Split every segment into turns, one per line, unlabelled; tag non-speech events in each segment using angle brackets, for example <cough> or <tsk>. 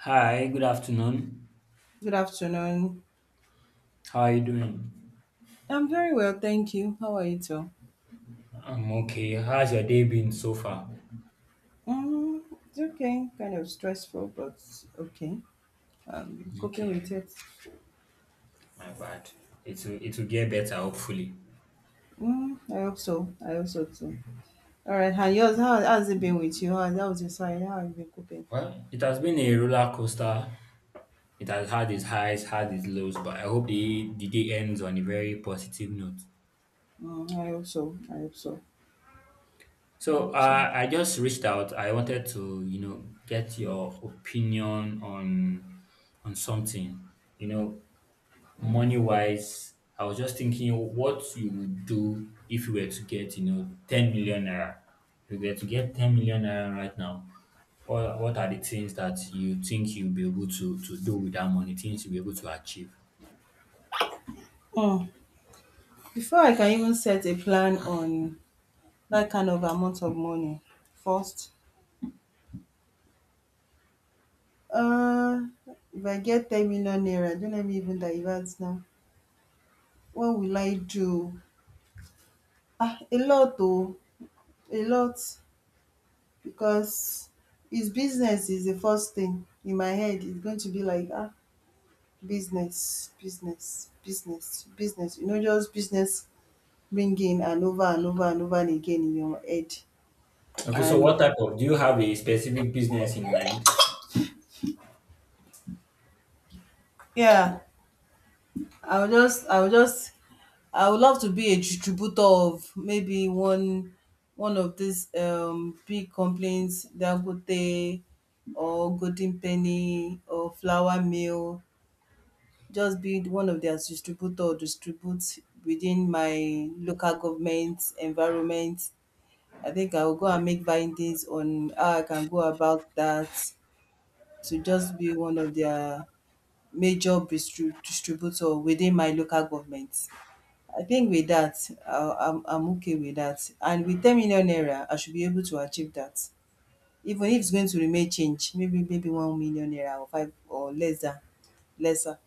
Hi, good afternoon.
Good afternoon.
How are you doing?
I'm very well, thank you. How are you too?
I'm okay. How's your day been so far?
Mm, it's okay. Kind of stressful, but okay. Coping
Okay,
with it.
my bad. It will get better, hopefully.
Mm, I hope so. I hope so too. All right. And yours? How's it been with you? How that was your side? How have you been coping?
Well, it has been a roller coaster. It has had its highs, had its lows, but I hope the day ends on a very positive note.
Mm, I hope so. I hope so. I
So
hope so.
I just reached out. I wanted to, get your opinion on something. You know, Money wise, I was just thinking what you would do if you were to get, 10 million naira. If you were to get 10 million naira right now, what are the things that you think you'll be able to do with that money, things you'll be able to achieve?
Mm. Before I can even set a plan on that kind of amount of money, first, uh, if I get 10 million naira, don't let me even divert now. What will I do? Ah, a lot oh, a lot because his business is the first thing in my head. It's going to be like, ah, business, business, business, business. You know, just business ringing and over and over and over and again in your head.
Okay, so
And
do you have a specific business in mind?
yeah, I will just, I will just, I would love to be a distributor of maybe one of these big companies, Dangote or Golden Penny or Flour Mill, just be one of their distributor or distribute within my local government environment. I think I will go and make findings on how I can go about that to just be one of their major distributor within my local government. I think with that, I'm okay with that. And with 10 million naira, I should be able to achieve that. Even if it's going to remain change, maybe 1 million naira or 5 or lesser,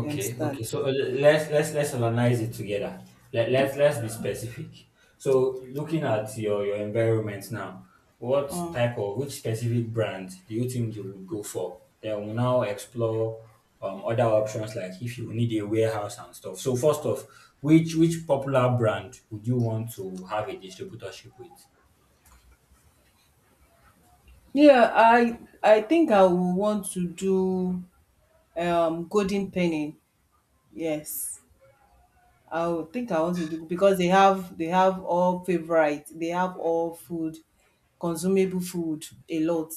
you
okay.
understand?
So let's analyze it together. Let's be specific. So looking at your environment now, what
Mm.
type of which specific brand do you think you would go for? Then we'll now explore other options like if you need a warehouse and stuff. So first off, which popular brand would you want to have a distributorship with?
Yeah, I think I would want to do Golden Penny. Yes. I would think I want to do because they have all favorite. They have all food, consumable food a lot,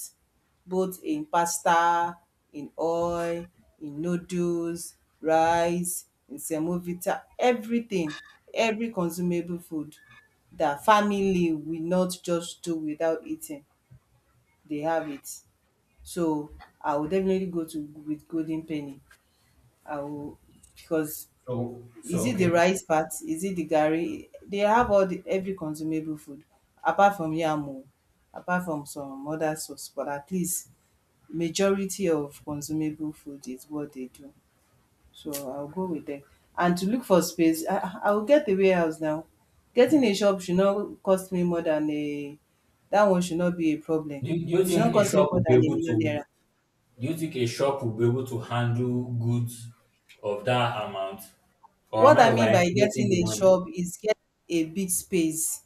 both in pasta, in oil, in noodles, rice, in semovita, everything, every consumable food that family will not just do without eating. They have it. So I will definitely go to with Golden Penny. I will because
So,
is it the
okay.
rice part? Is it the gari? They have all the every consumable food apart from yamu, apart from some other sauce, but at least majority of consumable food is what they do. So I'll go with them. And to look for space, I will get the warehouse now. Getting a shop should not cost me more than a, that one should not be a problem.
Do you
It should
think
not
a
cost me
shop
more
would be
than a
able to?
million naira.
Do you think a shop will be able to handle goods of that amount? Or am
What
I
I mean by
overestimating
getting
the
a
money?
shop is get a big space.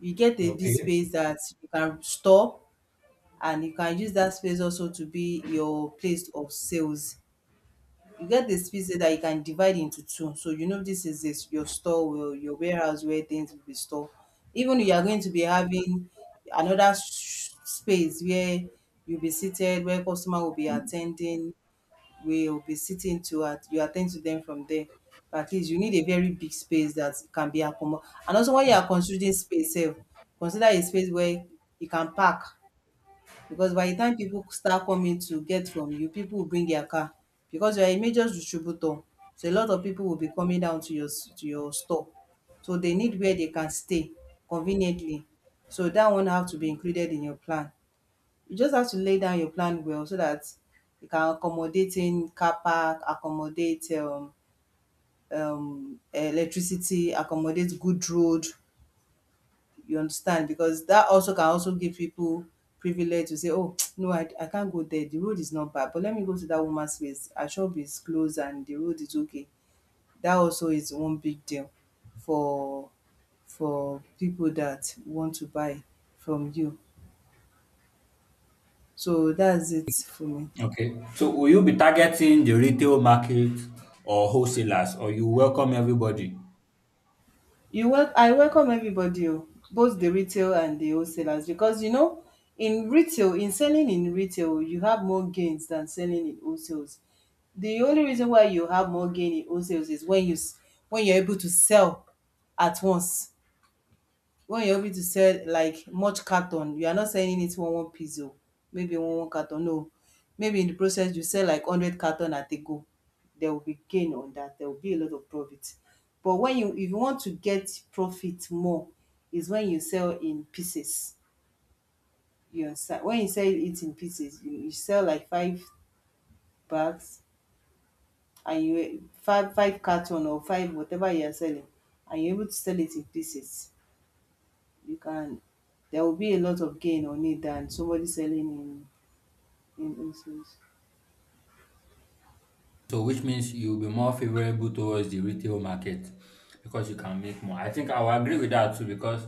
You get a big
Okay.
space that you can store and you can use that space also to be your place of sales. You get the space that you can divide into two. So you know this is this, your store, your warehouse where things will be stored. Even you are going to be having another space where you'll be seated, where customer will be attending, will be sitting to at you attend to them from there. At least you need a very big space that can be accommodated, and also when you are considering space sef, consider a space where you can park because by the time people start coming to get from you, people will bring their car because you are a major distributor. So a lot of people will be coming down to your s to your store. So they need where they can stay conveniently. So that one have to be included in your plan. You just have to lay down your plan well so that you can accommodate in car park, accommodate electricity, accommodate good road. You understand? Because that also can also give people privilege to say, "Oh, <tsk> no, I can't go there. The road is not bad, but let me go to that woman's place. Her shop is closed and the road is okay." That also is one big deal for for people that want to buy from you. So that's it for me.
Okay. So will you be targeting the retail market or wholesalers or you welcome everybody?
You wel I welcome everybody o, both the retail and the wholesalers because you know in retail, in selling in retail you have more gains than selling in wholesales. The only reason why you have more gain in wholesales is when you're able to sell at once. When you're able to sell like much carton, you are not selling it one piece oh, maybe one carton no, maybe in the process you sell like 100 carton at a go, there will be gain on that, there will be a lot of profit. But when you if you want to get profit more is when you sell in pieces, you understand? When you sell it in pieces, you sell like 5 bags and you 5 carton or 5 whatever you are selling and you're able to sell it in pieces. You can there will be a lot of gain on it than somebody selling in wholesales.
So which means you'll be more favorable towards the retail market because you can make more. I think I will agree with that too because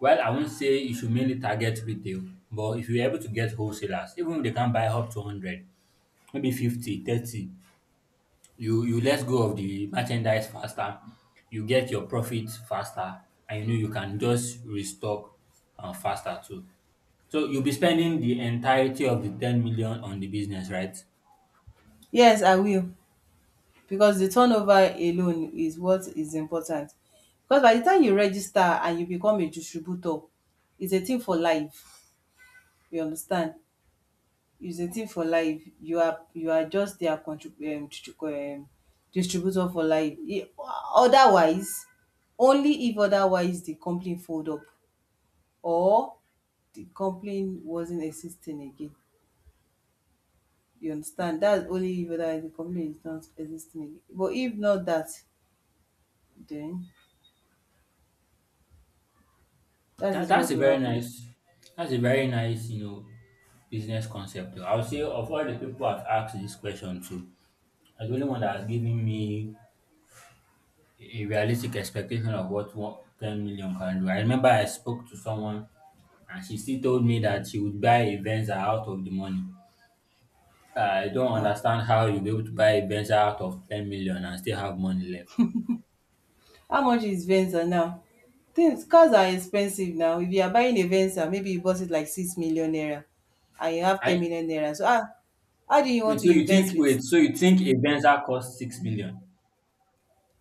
well I won't say you should mainly target retail, but if you're able to get wholesalers, even if they can buy up to 100, maybe 50, 30. You let go of the merchandise faster, you get your profit faster, and you know you can just restock faster too. So you'll be spending the entirety of the 10 million on the business, right?
Yes, I will because the turnover alone is what is important. Because by the time you register and you become a distributor, it's a thing for life. You understand? It's a thing for life. You are just their distributor for life. I- Otherwise, only if otherwise the company fold up or the company wasn't existing again. You understand? That's only if whether the company is not existing again. But if not that, then that
That,
is
that's
what
a
will
very
happen.
nice that's a very nice, you know, business concept, though. I would say of all the people I've asked this question to, are the only one that has given me a realistic expectation of what 10 million can do. I remember I spoke to someone and she still told me that she would buy a Venza out of the money. I don't
Ah,
understand how you'll be able to buy a Venza out of 10 million and still have money left.
how much is Venza now? Things cars are expensive now. If you are buying a Venza, maybe you bought it like 6 million naira, and you have ten
I
million naira. So ah, how do you want
wait,
to
so you think
invest with?
wait, so you think a Venza costs 6 million?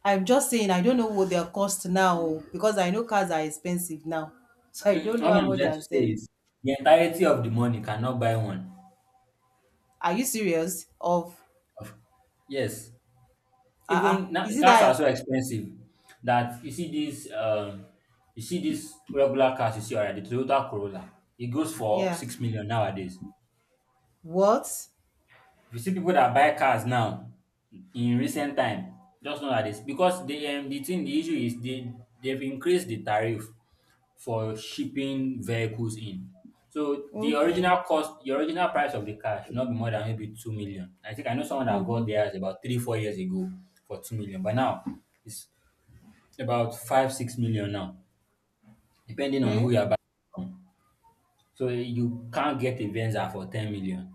I'm just saying I don't know what their cost now oh, because I know cars are expensive now, <laughs> so I don't
Mm,
know
all
how
I'm
much they
trying
are
to say
selling.
is the entirety of the money cannot buy one.
Are you serious? Of
Of- Yes,
ah, uh-uh.
even
Is it
cars are
that?
so expensive that you see this regular cars you see already, the Toyota Corolla, it goes for
Yeah.
6 million nowadays.
What?
If you see people that buy cars now in recent time, just know that this because the issue is they've increased the tariff for shipping vehicles in. So the
Okay.
original price of the car should not be more than maybe 2 million. I think I know someone that
Mm-hmm.
got theirs about 3 4 years ago for 2 million, but now it's about 5 6 million now, depending on who
Hey.
you're buying from. So you can't get a Venza for 10 million.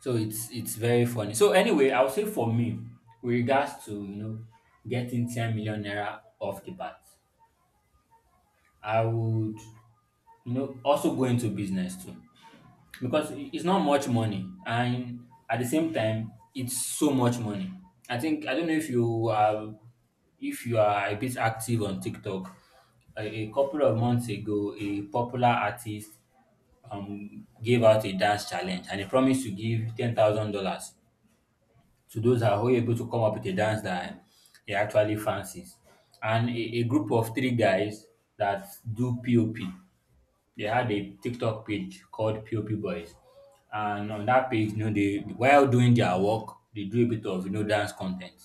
So it's very funny. So anyway, I would say for me, with regards to getting 10 million naira off the bat, I would also go into business too. Because it's not much money and at the same time it's so much money. I think I don't know if you are a bit active on TikTok, a couple of months ago, a popular artist gave out a dance challenge and he promised to give $10,000 to those that were able to come up with a dance that he actually fancies. And a group of three guys that do POP, they had a TikTok page called POP Boys. And on that page, they while doing their work, they do a bit of dance content.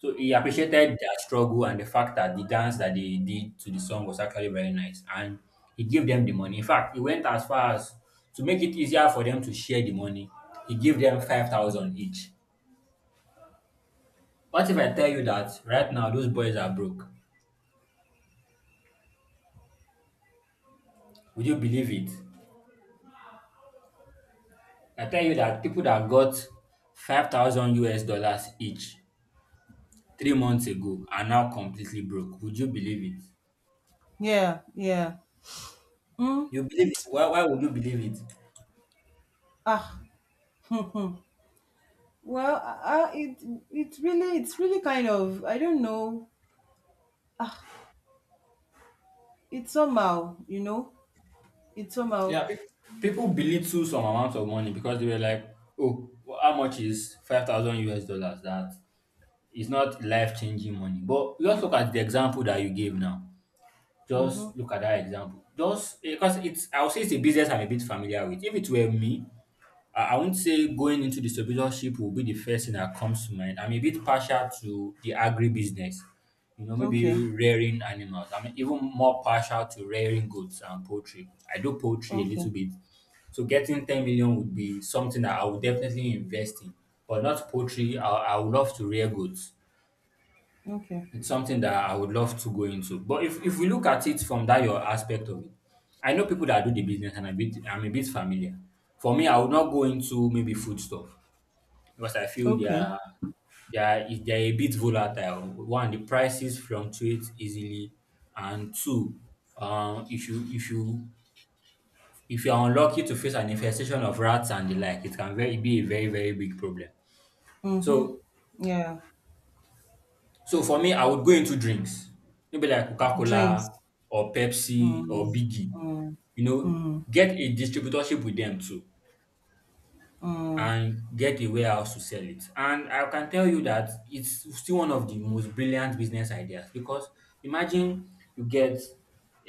So he appreciated their struggle and the fact that the dance that they did to the song was actually very nice. And he gave them the money. In fact, he went as far as to make it easier for them to share the money. He gave them 5,000 each. What if I tell you that right now those boys are broke? Would you believe it? I tell you that people that got 5,000 US dollars each 3 months ago are now completely broke. Would you believe it?
Yeah. Yeah. Mm.
You believe it? Why would you believe it?
Ah. Well, it's really kind of I don't know. Ah, it's somehow you know it's somehow.
Yeah, people belittle some amount of money because they were like, oh, how much is 5,000 US dollars? That is not life changing money. But just look at the example that you gave now.
Mm-hmm.
Just look at that example. Just because I'll say it's a business I'm a bit familiar with. If it were me, I won't say going into distributorship will be the first thing that comes to mind. I'm a bit partial to the agri business, maybe
Okay.
rearing animals. I'm even more partial to rearing goats and poultry. I do poultry a little
Okay.
bit. So getting 10 million would be something that I would definitely invest in, but not poultry. I would love to rear goods.
Okay.
It's something that I would love to go into. But if we look at it from that your aspect of it, I know people that do the business and a bit I'm a bit familiar. For me, I would not go into maybe food stuff because I feel
Okay.
they are a bit volatile. One, the prices fluctuate easily, and two, um, if you if you if you are unlucky to face an infestation of rats and the like, it can very be a very very big problem.
Mm-hmm.
So
Yeah.
So, for me, I would go into drinks, maybe like
Drinks.
Coca-Cola or Pepsi or
Mm-hmm.
Biggie.
Mm-hmm.
You know,
Mm.
get a distributorship with them too.
Mm.
And get a warehouse to sell it. And I can tell you that it's still one of the most brilliant business ideas because imagine you get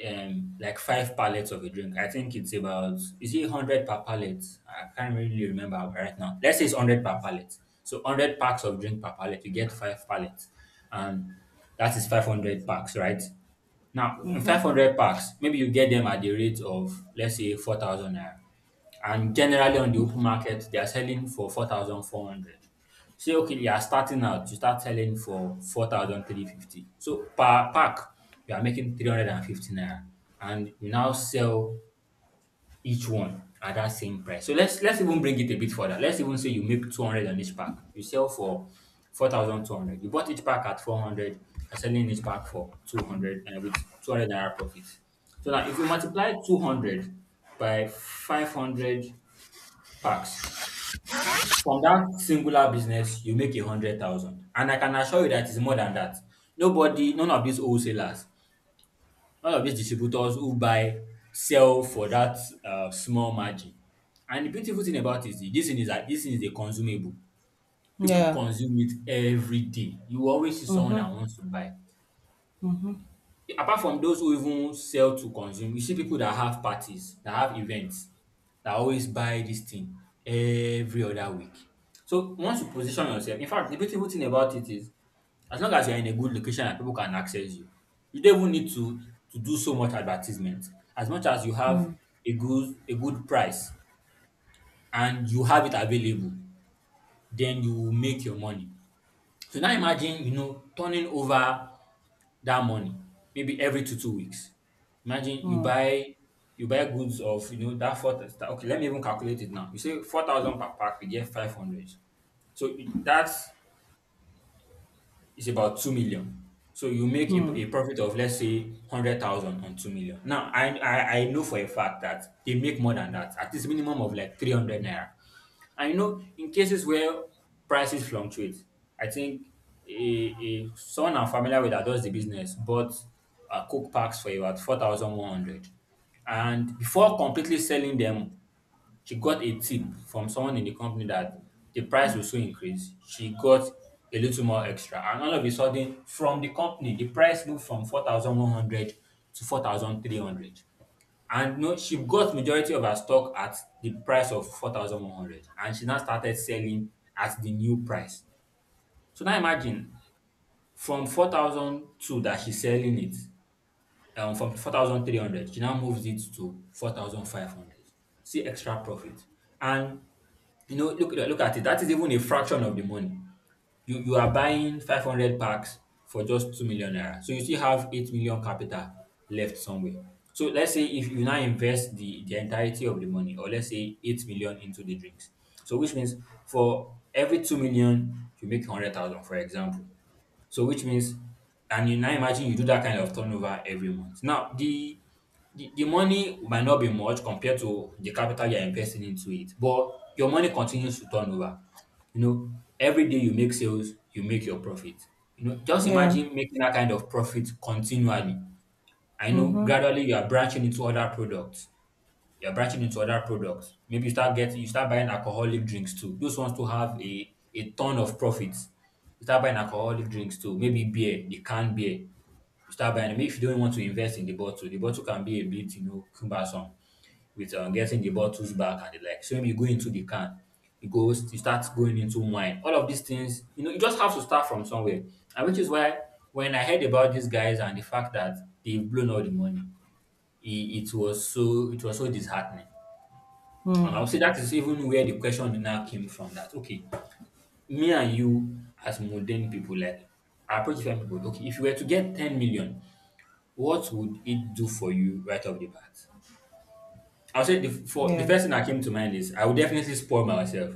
like five pallets of a drink. I think it's about is it 100 per pallet? I can't really remember right now. Let's say it's 100 per pallet. So 100 packs of drink per pallet. You get five pallets, and that is 500 packs, right? Now, in
Mhm.
500 packs, maybe you get them at the rate of, let's say, 4,000 naira and generally on the open market they are selling for 4,400. Say okay, you are starting out, you start selling for four thousand three fifty. So per pack, you are making 350 naira and you now sell each one at that same price. So let's even bring it a bit further. Let's even say you make 200 on each pack. You sell for 4,200. You bought each pack at 400 and selling each pack for 200 and with 200 naira profit. So now if you multiply 200 by 500 Tax. From that singular business, you make 100,000. And I can assure you that it's more than that. Nobody, none of these wholesalers, none of these distributors who buy sell for that small margin. And the beautiful thing about it is this thing is that this thing is a consumable. People
Yeah.
consume it every day. You will always see someone
Mhm.
that wants to buy.
Mhm.
Apart from those who even sell to consume, you see people that have parties, that have events, that always buy this thing every other week. So once you position yourself, in fact, the beautiful thing about it is as long as you're in a good location and people can access you, you don't even need to do so much advertisement. As much as you
Mm.
have a good price and you have it available, then you will make your money. So now imagine, turning over that money, maybe every two weeks. Imagine you
Mm.
buy goods of that 4,000. Okay. Let me even calculate it now. You say 4,000 per pack, we get 500. So that's is about 2 million. So you make a,
Mm.
a profit of, let's say, 100,000 on 2 million. Now, I know for a fact that they make more than that, at least minimum of like 300 naira. I know in cases where prices fluctuate, I think someone I'm familiar with that does the business bought Coke packs for about 4,100. And before completely selling them, she got a tip from someone in the company that the price will soon increase. She got a little more extra, and all of a sudden, from the company, the price moved from 4,100 to 4,300. And no, she got majority of her stock at the price of 4,100, and she now started selling at the new price. So now imagine from 4,002 that she's selling it, from 4,300, she now moves it to 4,500. See extra profit. And look at it. That is even a fraction of the money. You are buying 500 packs for just 2 million naira. So you still have 8 million capital left somewhere. So let's say if you now invest the entirety of the money, or let's say 8 million into the drinks. So which means for every 2 million, you make 100,000, for example. So which means, and you now imagine you do that kind of turnover every month. Now the the money might not be much compared to the capital you're investing into it, but your money continues to turn over. You know, every day you make sales, you make your profit. You know, just
Yeah.
imagine making that kind of profit continually. I know
Mhm.
gradually you are branching into other products. Maybe you start buying alcoholic drinks too. Those ones too have a ton of profits. You start buying alcoholic drinks too. Maybe beer, the canned beer. You start buying. Maybe if you don't want to invest in the bottle can be a bit cumbersome with getting the bottles back and the like. So maybe you go into the can. You start going into wine. All of these things, you just have to start from somewhere. And which is why when I heard about these guys and the fact that they've blown all the money, it, it was so disheartening. And I
Mm.
would say that is even where the question now came from that, okay, me and you as modern people, like, I approach different people. Okay, if you were to get 10 million, what would it do for you right off the bat? I would say the
Yeah.
first thing that came to mind is I would definitely spoil myself.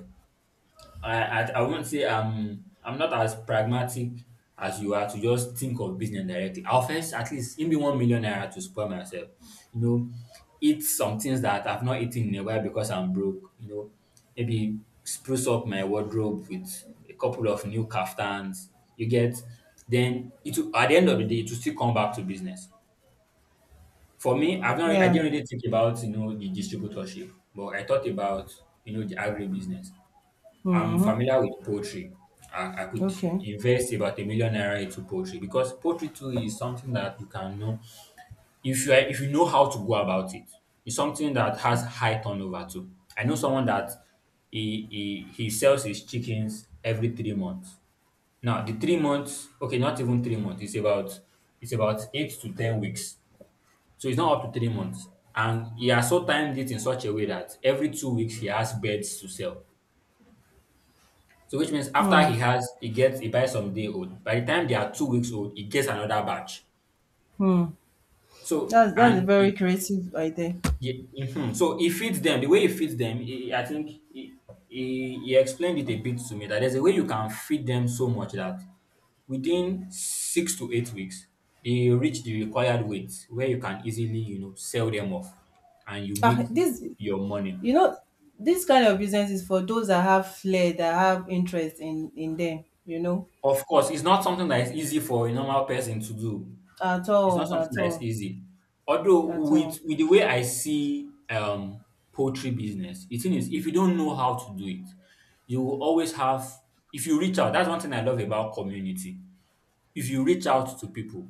I won't say I'm not as pragmatic as you are to just think of business directly. I'll first at least give me 1 million naira to spoil myself. You know, eat some things that I've not eaten in a while because I'm broke. You know, maybe spruce up my wardrobe with a couple of new kaftans. You get then at the end of the day it will still come back to business. For me, I
Yeah.
didn't really think about the distributorship, but I thought about the agribusiness. I'm
Mhm.
familiar with poultry. I could
Okay.
invest about a million naira into poultry because poultry too is something that you can know if you know how to go about it. It's something that has high turnover too. I know someone that he sells his chickens every 3 months. Now the 3 months, okay, not even 3 months. It's about 8 to 10 weeks. So it's not up to 3 months, and he has so timed it in such a way that every 2 weeks he has birds to sell. So which means after
Hmm.
he has, he gets, he buys some day old. By the time they are 2 weeks old, he gets another batch.
Hmm.
So
That's a
and
very creative idea.
he mhm. so he feeds them the way he feeds them. He, I think he explained it a bit to me that there's a way you can feed them so much that within 6 to 8 weeks they reach the required weight where you can easily sell them off and you make
Ah, this
your money.
you know this kind of business is for those that have flair, that have interest in them. You know,
Of course, it's not something that is easy for a normal person to do.
at
It's not
all,
something
at
that is
all,
easy. Although
at all.
with the way I see poultry business, the thing is if you don't know how to do it, you will always have if you reach out, that's one thing I love about community. If you reach out to people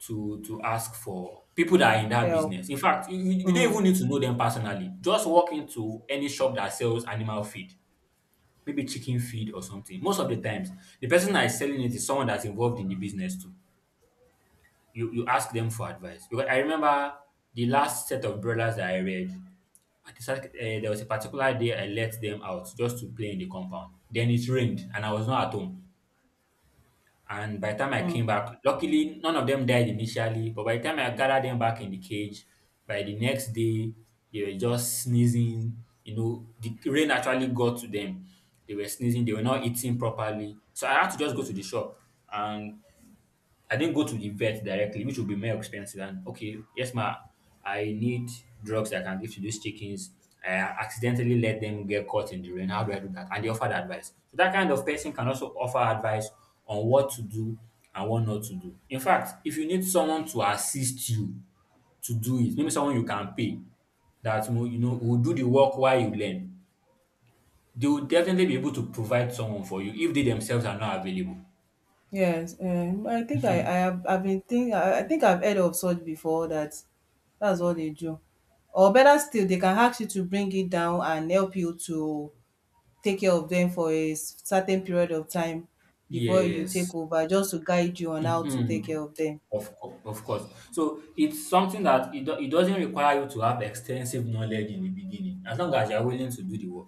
to ask for people that are in that
Help.
business. In fact, you don't
Hmm.
even need to know them personally. Just walk into any shop that sells animal feed, maybe chicken feed or something. Most of the times, the person that is selling it is someone that's involved in the business too. You ask them for advice because I remember the last set of brothers that I read. I decided, there was a particular day I let them out just to play in the compound. Then it rained and I was not at home. And by the time I
Hmm.
came back, luckily none of them died initially. But by the time I gathered them back in the cage, by the next day they were just sneezing. You know, the rain actually got to them. They were sneezing. They were not eating properly. So I had to just go to the shop and I didn't go to the vet directly, which would be more expensive. And okay, yes, ma, I need drugs I can give to these chickens. I accidentally let them get caught in the rain. How do I do that? And they offered advice. So that kind of person can also offer advice on what to do and what not to do. In fact, if you need someone to assist you to do it, maybe someone you can pay that will, will do the work while you learn, they will definitely be able to provide someone for you if they themselves are not available.
Yes. I think I have I've been think I think I've heard of such before. That that's what they do. Or better still, they can ask you to bring it down and help you to take care of them for a certain period of time before you
Yes.
take over just to guide you on how to take
Mhm.
care of them.
Of course, of course. So it's something that it doesn't require you to have extensive knowledge in the beginning, as long as you're willing to do the work.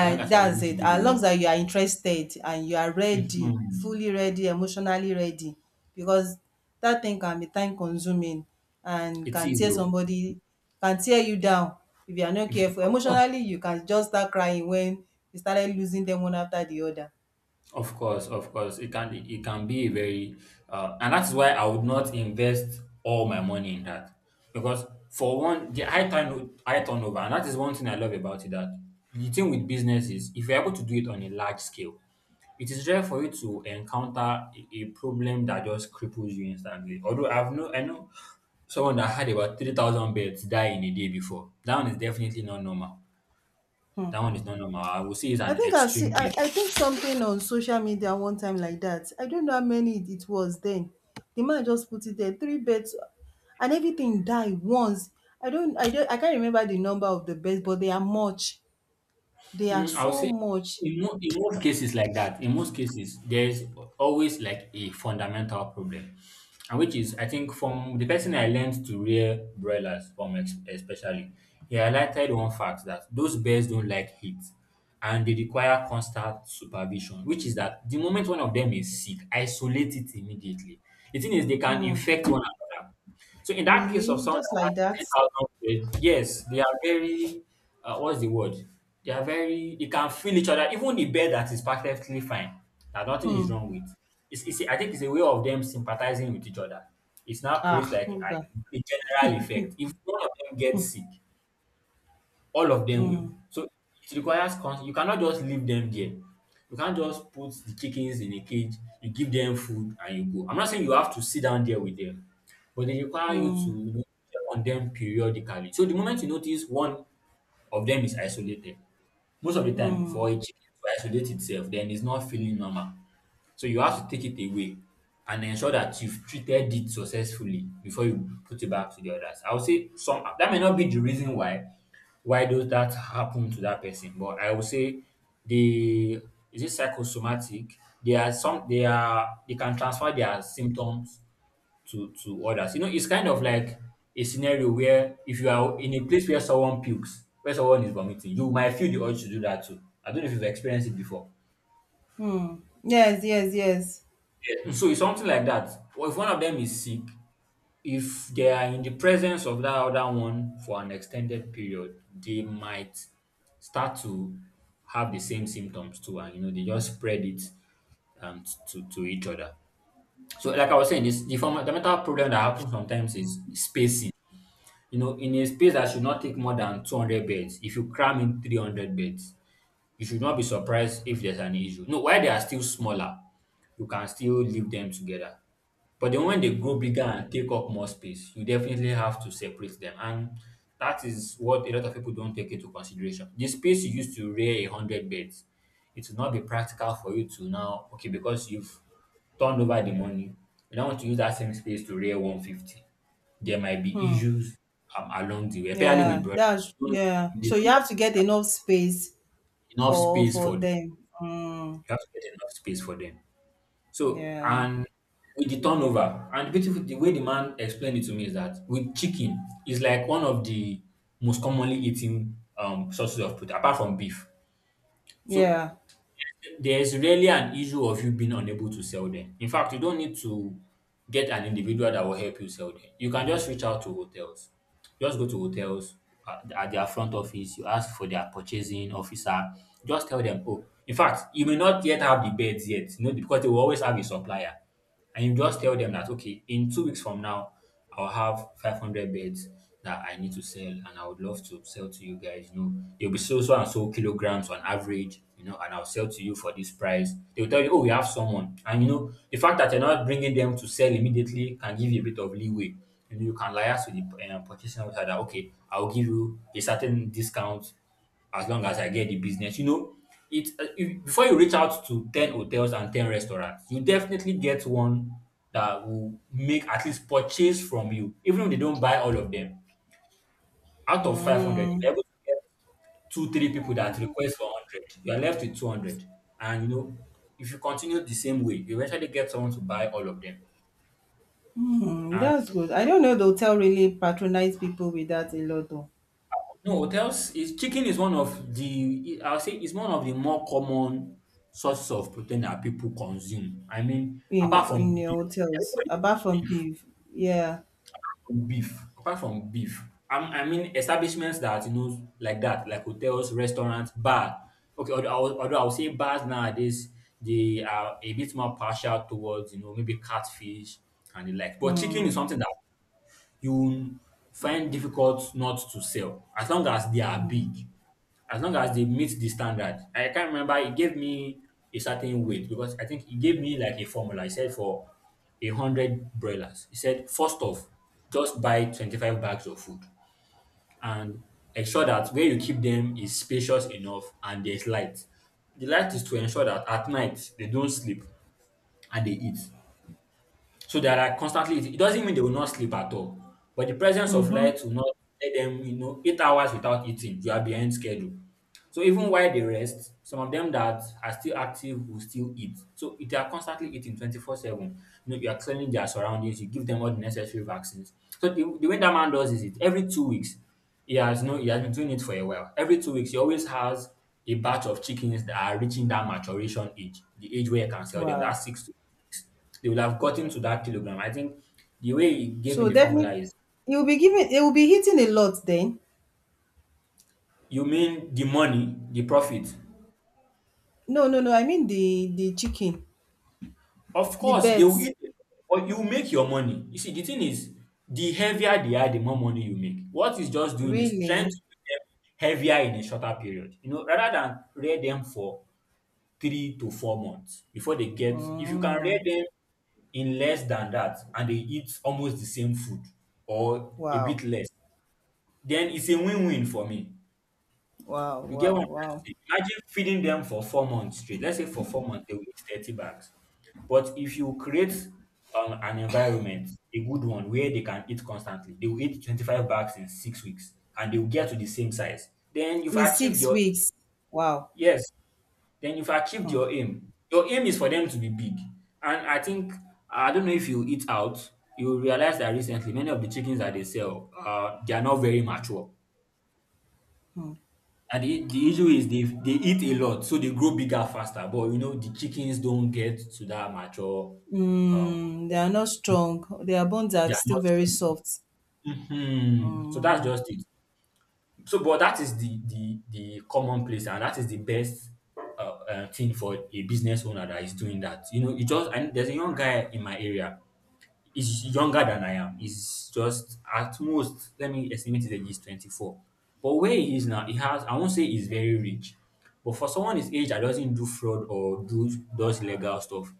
As long as you're
That's
willing to
it.
do the
As
work.
long as you are interested and you are ready,
Mhm.
fully ready, emotionally ready, because that thing can be time consuming and
It
can
is
tear
though.
somebody, can tear you down if you are not careful.
Of course,
Emotionally, you can just start crying when you started losing them one after the other.
of course, of course. It can be a very, and that's why I would not invest all my money in that because for one, the high turnover, and that is one thing I love about it. That the thing with business is if you're able to do it on a large scale, it is rare for you to encounter a problem that just cripples you instantly. Although I've no, I know someone that had about 3,000 birds die in a day before. That one is definitely not normal. That one is not normal. I would say it's
I
an
think I've seen
extreme case.
I think something on social media one time like that. I don't know how many it it was then. The man just put it there, three beds and everything died once. I can't remember the number of the beds, but they are much. They are
Mm, I would
so
say
much.
in most cases like that, in most cases, there's always like a fundamental problem, and which is I think from the person I learned to rear broilers from, especially, he highlighted one fact that those bears don't like heat, and they require constant supervision. Which is that the moment one of them is sick, isolate it immediately. The thing is, they can
Hmm.
infect one another. So in that case of
Really?
someone
Just
that
like
has
that?
10,000 words, yes, they are very, what's the word? They can feel each other. Even the bed that is perfectly fine, that nothing is
Hmm.
wrong with. I think it's a way of them sympathizing with each other. It's now creates
Ah,
like
okay.
a general effect. If one of them gets sick, all of them will.
Hmm.
So it requires you cannot just leave them there. You can't just put the chickens in a cage, you give them food and you go. I'm not saying you have to sit down there with them, but they require you
Hmm.
to check on them periodically. So the moment you notice one of them is isolated, most of the time
Hmm.
for a chicken to isolate itself, then it's not feeling normal. So you have to take it away and ensure that you've treated it successfully before you put it back to the others. I would say some that may not be the reason why does that happen to that person? But I would say they is it psychosomatic? They are some they are they can transfer their symptoms to others. You know, it's kind of like a scenario where if you are in a place where someone pukes, where someone is vomiting, you might feel the urge to do that too. I don't know if you've experienced it before.
Hmm. Yes, yes, yes.
So it's something like that. Or if one of them is sick, if they are in the presence of that other one for an extended period, they might start to have the same symptoms too, and you know they just spread it to each other. So, like I was saying, this the fundamental problem that happens sometimes is spacing. You know, in a space that should not take more than 200 beds, if you cram in 300 beds, you should not be surprised if there's an issue. No, while they are still smaller, you can still leave them together. But then when they grow bigger and take up more space, you definitely have to separate them. And that is what a lot of people don't take into consideration. The space you used to rear a hundred beds, it will not be practical for you to now, okay, because you've turned over the money, you now want to use that same space to rear 150. There might be
Hmm.
issues along the way, especially with
Yeah,
brothers.
that's
They don't
yeah.
they
So you
don't have
have to get enough space
enough space
for
for them.
them. Mm,
You have to get enough space for them. So,
yeah,
and with the turnover, and beautiful, the way the man explained it to me is that with chicken is like one of the most commonly eaten sources of protein apart from beef. So
yeah.
there's really an issue of you being unable to sell them. In fact, you don't need to get an individual that will help you sell them. You can just reach out to hotels. Just go to hotels at their front office. You ask for their purchasing officer. Just tell them, oh, in fact, you may not yet have the beds yet, you know, because they will always have a supplier, and you just tell them that okay, in 2 weeks from now I'll have 500 beds that I need to sell, and I would love to sell to you guys. You know, there'll be so so and so kilograms on average, you know, and I'll sell to you for this price. They'll tell you, oh, we have someone, and you know, the fact that you're not bringing them to sell immediately can give you a bit of leeway. You know, you can liaise with the purchasing officer that okay, I'll give you a certain discount as long as I get the business. You know, it if, before you reach out to 10 hotels and 10 restaurants, you definitely get one that will make at least purchase from you, even if they don't buy all of them. Out of 500,
Mm,
you're able to get two, three people that request for 100. You're left with 200. And, you know, if you continue the same way, you eventually get someone to buy all of them.
mm,
And
that's good. I don't know the hotel really patronize people with that a lot though,
no, hotels is, chicken is one of the, I'll say it's one of the more common sources of protein that people consume. I mean, apart
in
from
the
beef,
hotels
everybody
apart
eats
from
beef,
beef. Yeah.
beef. Apart from beef, I mean establishments that you know like that, like hotels, restaurants, bar. Okay, although I would say bars nowadays they are a bit more partial towards you know maybe catfish and the like. But chicken is
Mm,
something that you will find difficult not to sell as long as they are
mm,
big, as long as they meet the standard. I can't remember, it gave me a certain weight because I think it gave me like a formula. He said for 100 broilers, he said, first off, just buy 25 bags of food and ensure that where you keep them is spacious enough and there's light. The light is to ensure that at night they don't sleep and they eat. So that are constantly, it doesn't mean they will not sleep at all, but the presence of
mm-hmm.
light will not let them, you know, 8 hours without eating, you are behind schedule. So even while they rest, some of them that are still active will still eat. So if they are constantly eating 24/7, you know, you are cleaning their surroundings, you give them all the necessary vaccines. So the way that man does is it every 2 weeks, he has no, he has been doing it for a while. Every 2 weeks, he always has a batch of chickens that are reaching that maturation age, the age where you can sell them.
Wow.
That's 6 to 8 weeks. They will have gotten to that kilogram. I think the way he gave me
So
the formula
definitely,
is,
it will be giving. It will be hitting a lot then.
you mean the money, the profit?
No, no, no. I mean the chicken,
Of
the
course, they will
birds.
eat it, but you make your money. You see, the thing is, the heavier they are, the more money you make. What it's just doing is trying to
Really.
make them heavier in a shorter period. You know, rather than rear them for 3 to 4 months before they get, if you can rear
Mm,
them in less than that and they eat almost the same food or a
wow.
bit less, then it's a win-win for me.
Wow.
You get
Wow.
what I'm trying to
Wow.
say? Imagine feeding them for 4 months straight. Let's say for 4 months they will eat 30 bags. But if you create an environment, a good one, where they can eat constantly, they will eat 25 bags in 6 weeks and they will get to the same size. Then you've
In
achieved
six
your,
weeks. Wow.
yes, then you've achieved
Hmm.
your aim. Your aim is for them to be big. And I think, I don't know if you eat out, you will realize that recently many of the chickens that they sell, they are not very mature. And the issue is they eat a lot, so they grow bigger faster. But you know, the chickens don't get to that mature. Um,
Mm, they are not strong. Their bones are
they are
still
not
very
strong.
soft.
Mhm. So that's
Mm,
just it. So, but that is the commonplace, and that is the best thing for a business owner that is doing that. You know, you just, and there's a young guy in my area. Is younger than I am. He's just at most, let me estimate his age is 24. But where he is now, he has, I won't say he's very rich, but for someone his age that doesn't do fraud or do does legal stuff,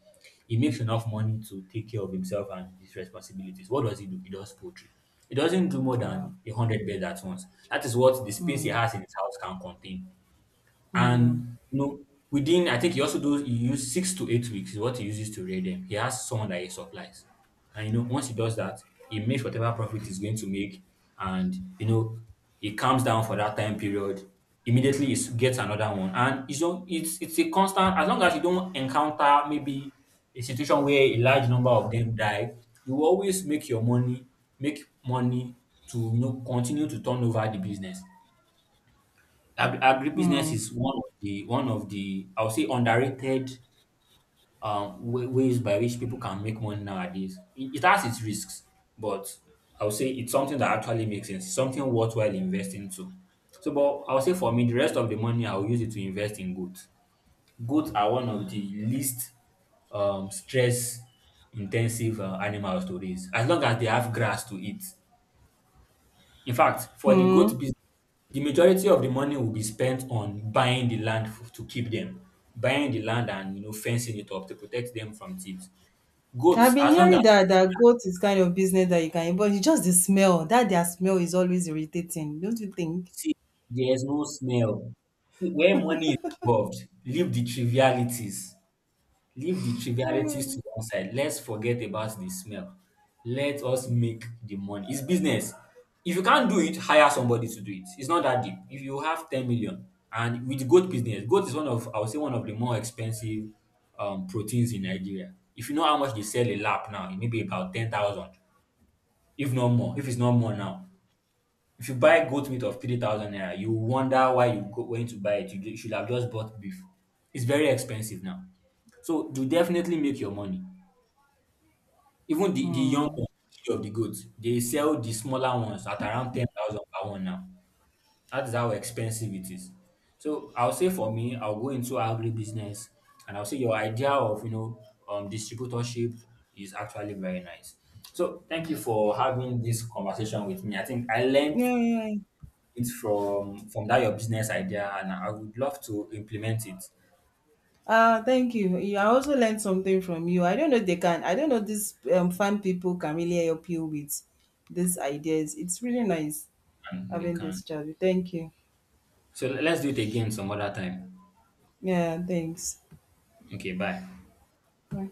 he makes enough money to take care of himself and his responsibilities. What does he do? He does poultry. He doesn't do more
wow.
than 100 birds at once. That is what the space he
Mm,
has in his house can contain.
mm,
And you know, within, I think he also does, he use 6 to 8 weeks is what he uses to rear them. He has someone that he supplies. And you know, once he does that, he makes whatever profit he's going to make. And you know, he calms down for that time period. Immediately gets another one. And it's not, it's a constant, as long as you don't encounter maybe a situation where a large number of them die, you will always make your money, make money to you know continue to turn over the business. Agribusiness
mm,
is one of the I would say underrated ways by which people can make money nowadays. It has its risks, but I would say it's something that actually makes sense. It's something worthwhile investing to. So, but I would say for me, the rest of the money I'll use it to invest in goods. Goats are one of the least stress intensive animals to raise, as long as they have grass to eat. In fact, for the goat
mm.
business. The majority of the money will be spent on buying the land to keep them, buying the land and you know fencing it up to protect them from thieves.
I've
Goats,
been
as long as,
hearing that that goat is kind of business that you can, but it's just the smell. That their smell is always irritating, don't you think?
see, there's no smell, see, where money is involved, leave the trivialities. Leave the trivialities to one side. Let's forget about the smell. Let us make the money. It's business. If you can't do it, hire somebody to do it. It's not that deep. If you have 10 million, and with goat business, goat is one of, I would say, one of the more expensive proteins in Nigeria. If you know how much they sell a lap now, it may be about 10,000, if not more, if it's not more now. If you buy goat meat of 3,000 naira, you wonder why you went to buy it. You should have just bought beef. It's very expensive now. So you definitely make your money. Even the young
Mm.
one, the kid of the goat, they sell the smaller ones at around 10,000 per one now. That is how expensive it is. So I'll say for me, I'll go into agribusiness, and I'll say your idea of, you know, distributorship is actually very nice. So thank you for having this conversation with me. I think I learned
Yeah, yeah, yeah.
it from that your business idea and I would love to implement it,
Thank you. You I also learned something from you. I don't know if they can. I don't know if these fan people can really help you with these ideas. It's really nice
and they
having this
can.
chat. Thank you.
So let's do it again some other time.
Yeah, thanks.
Okay, bye.
Bye.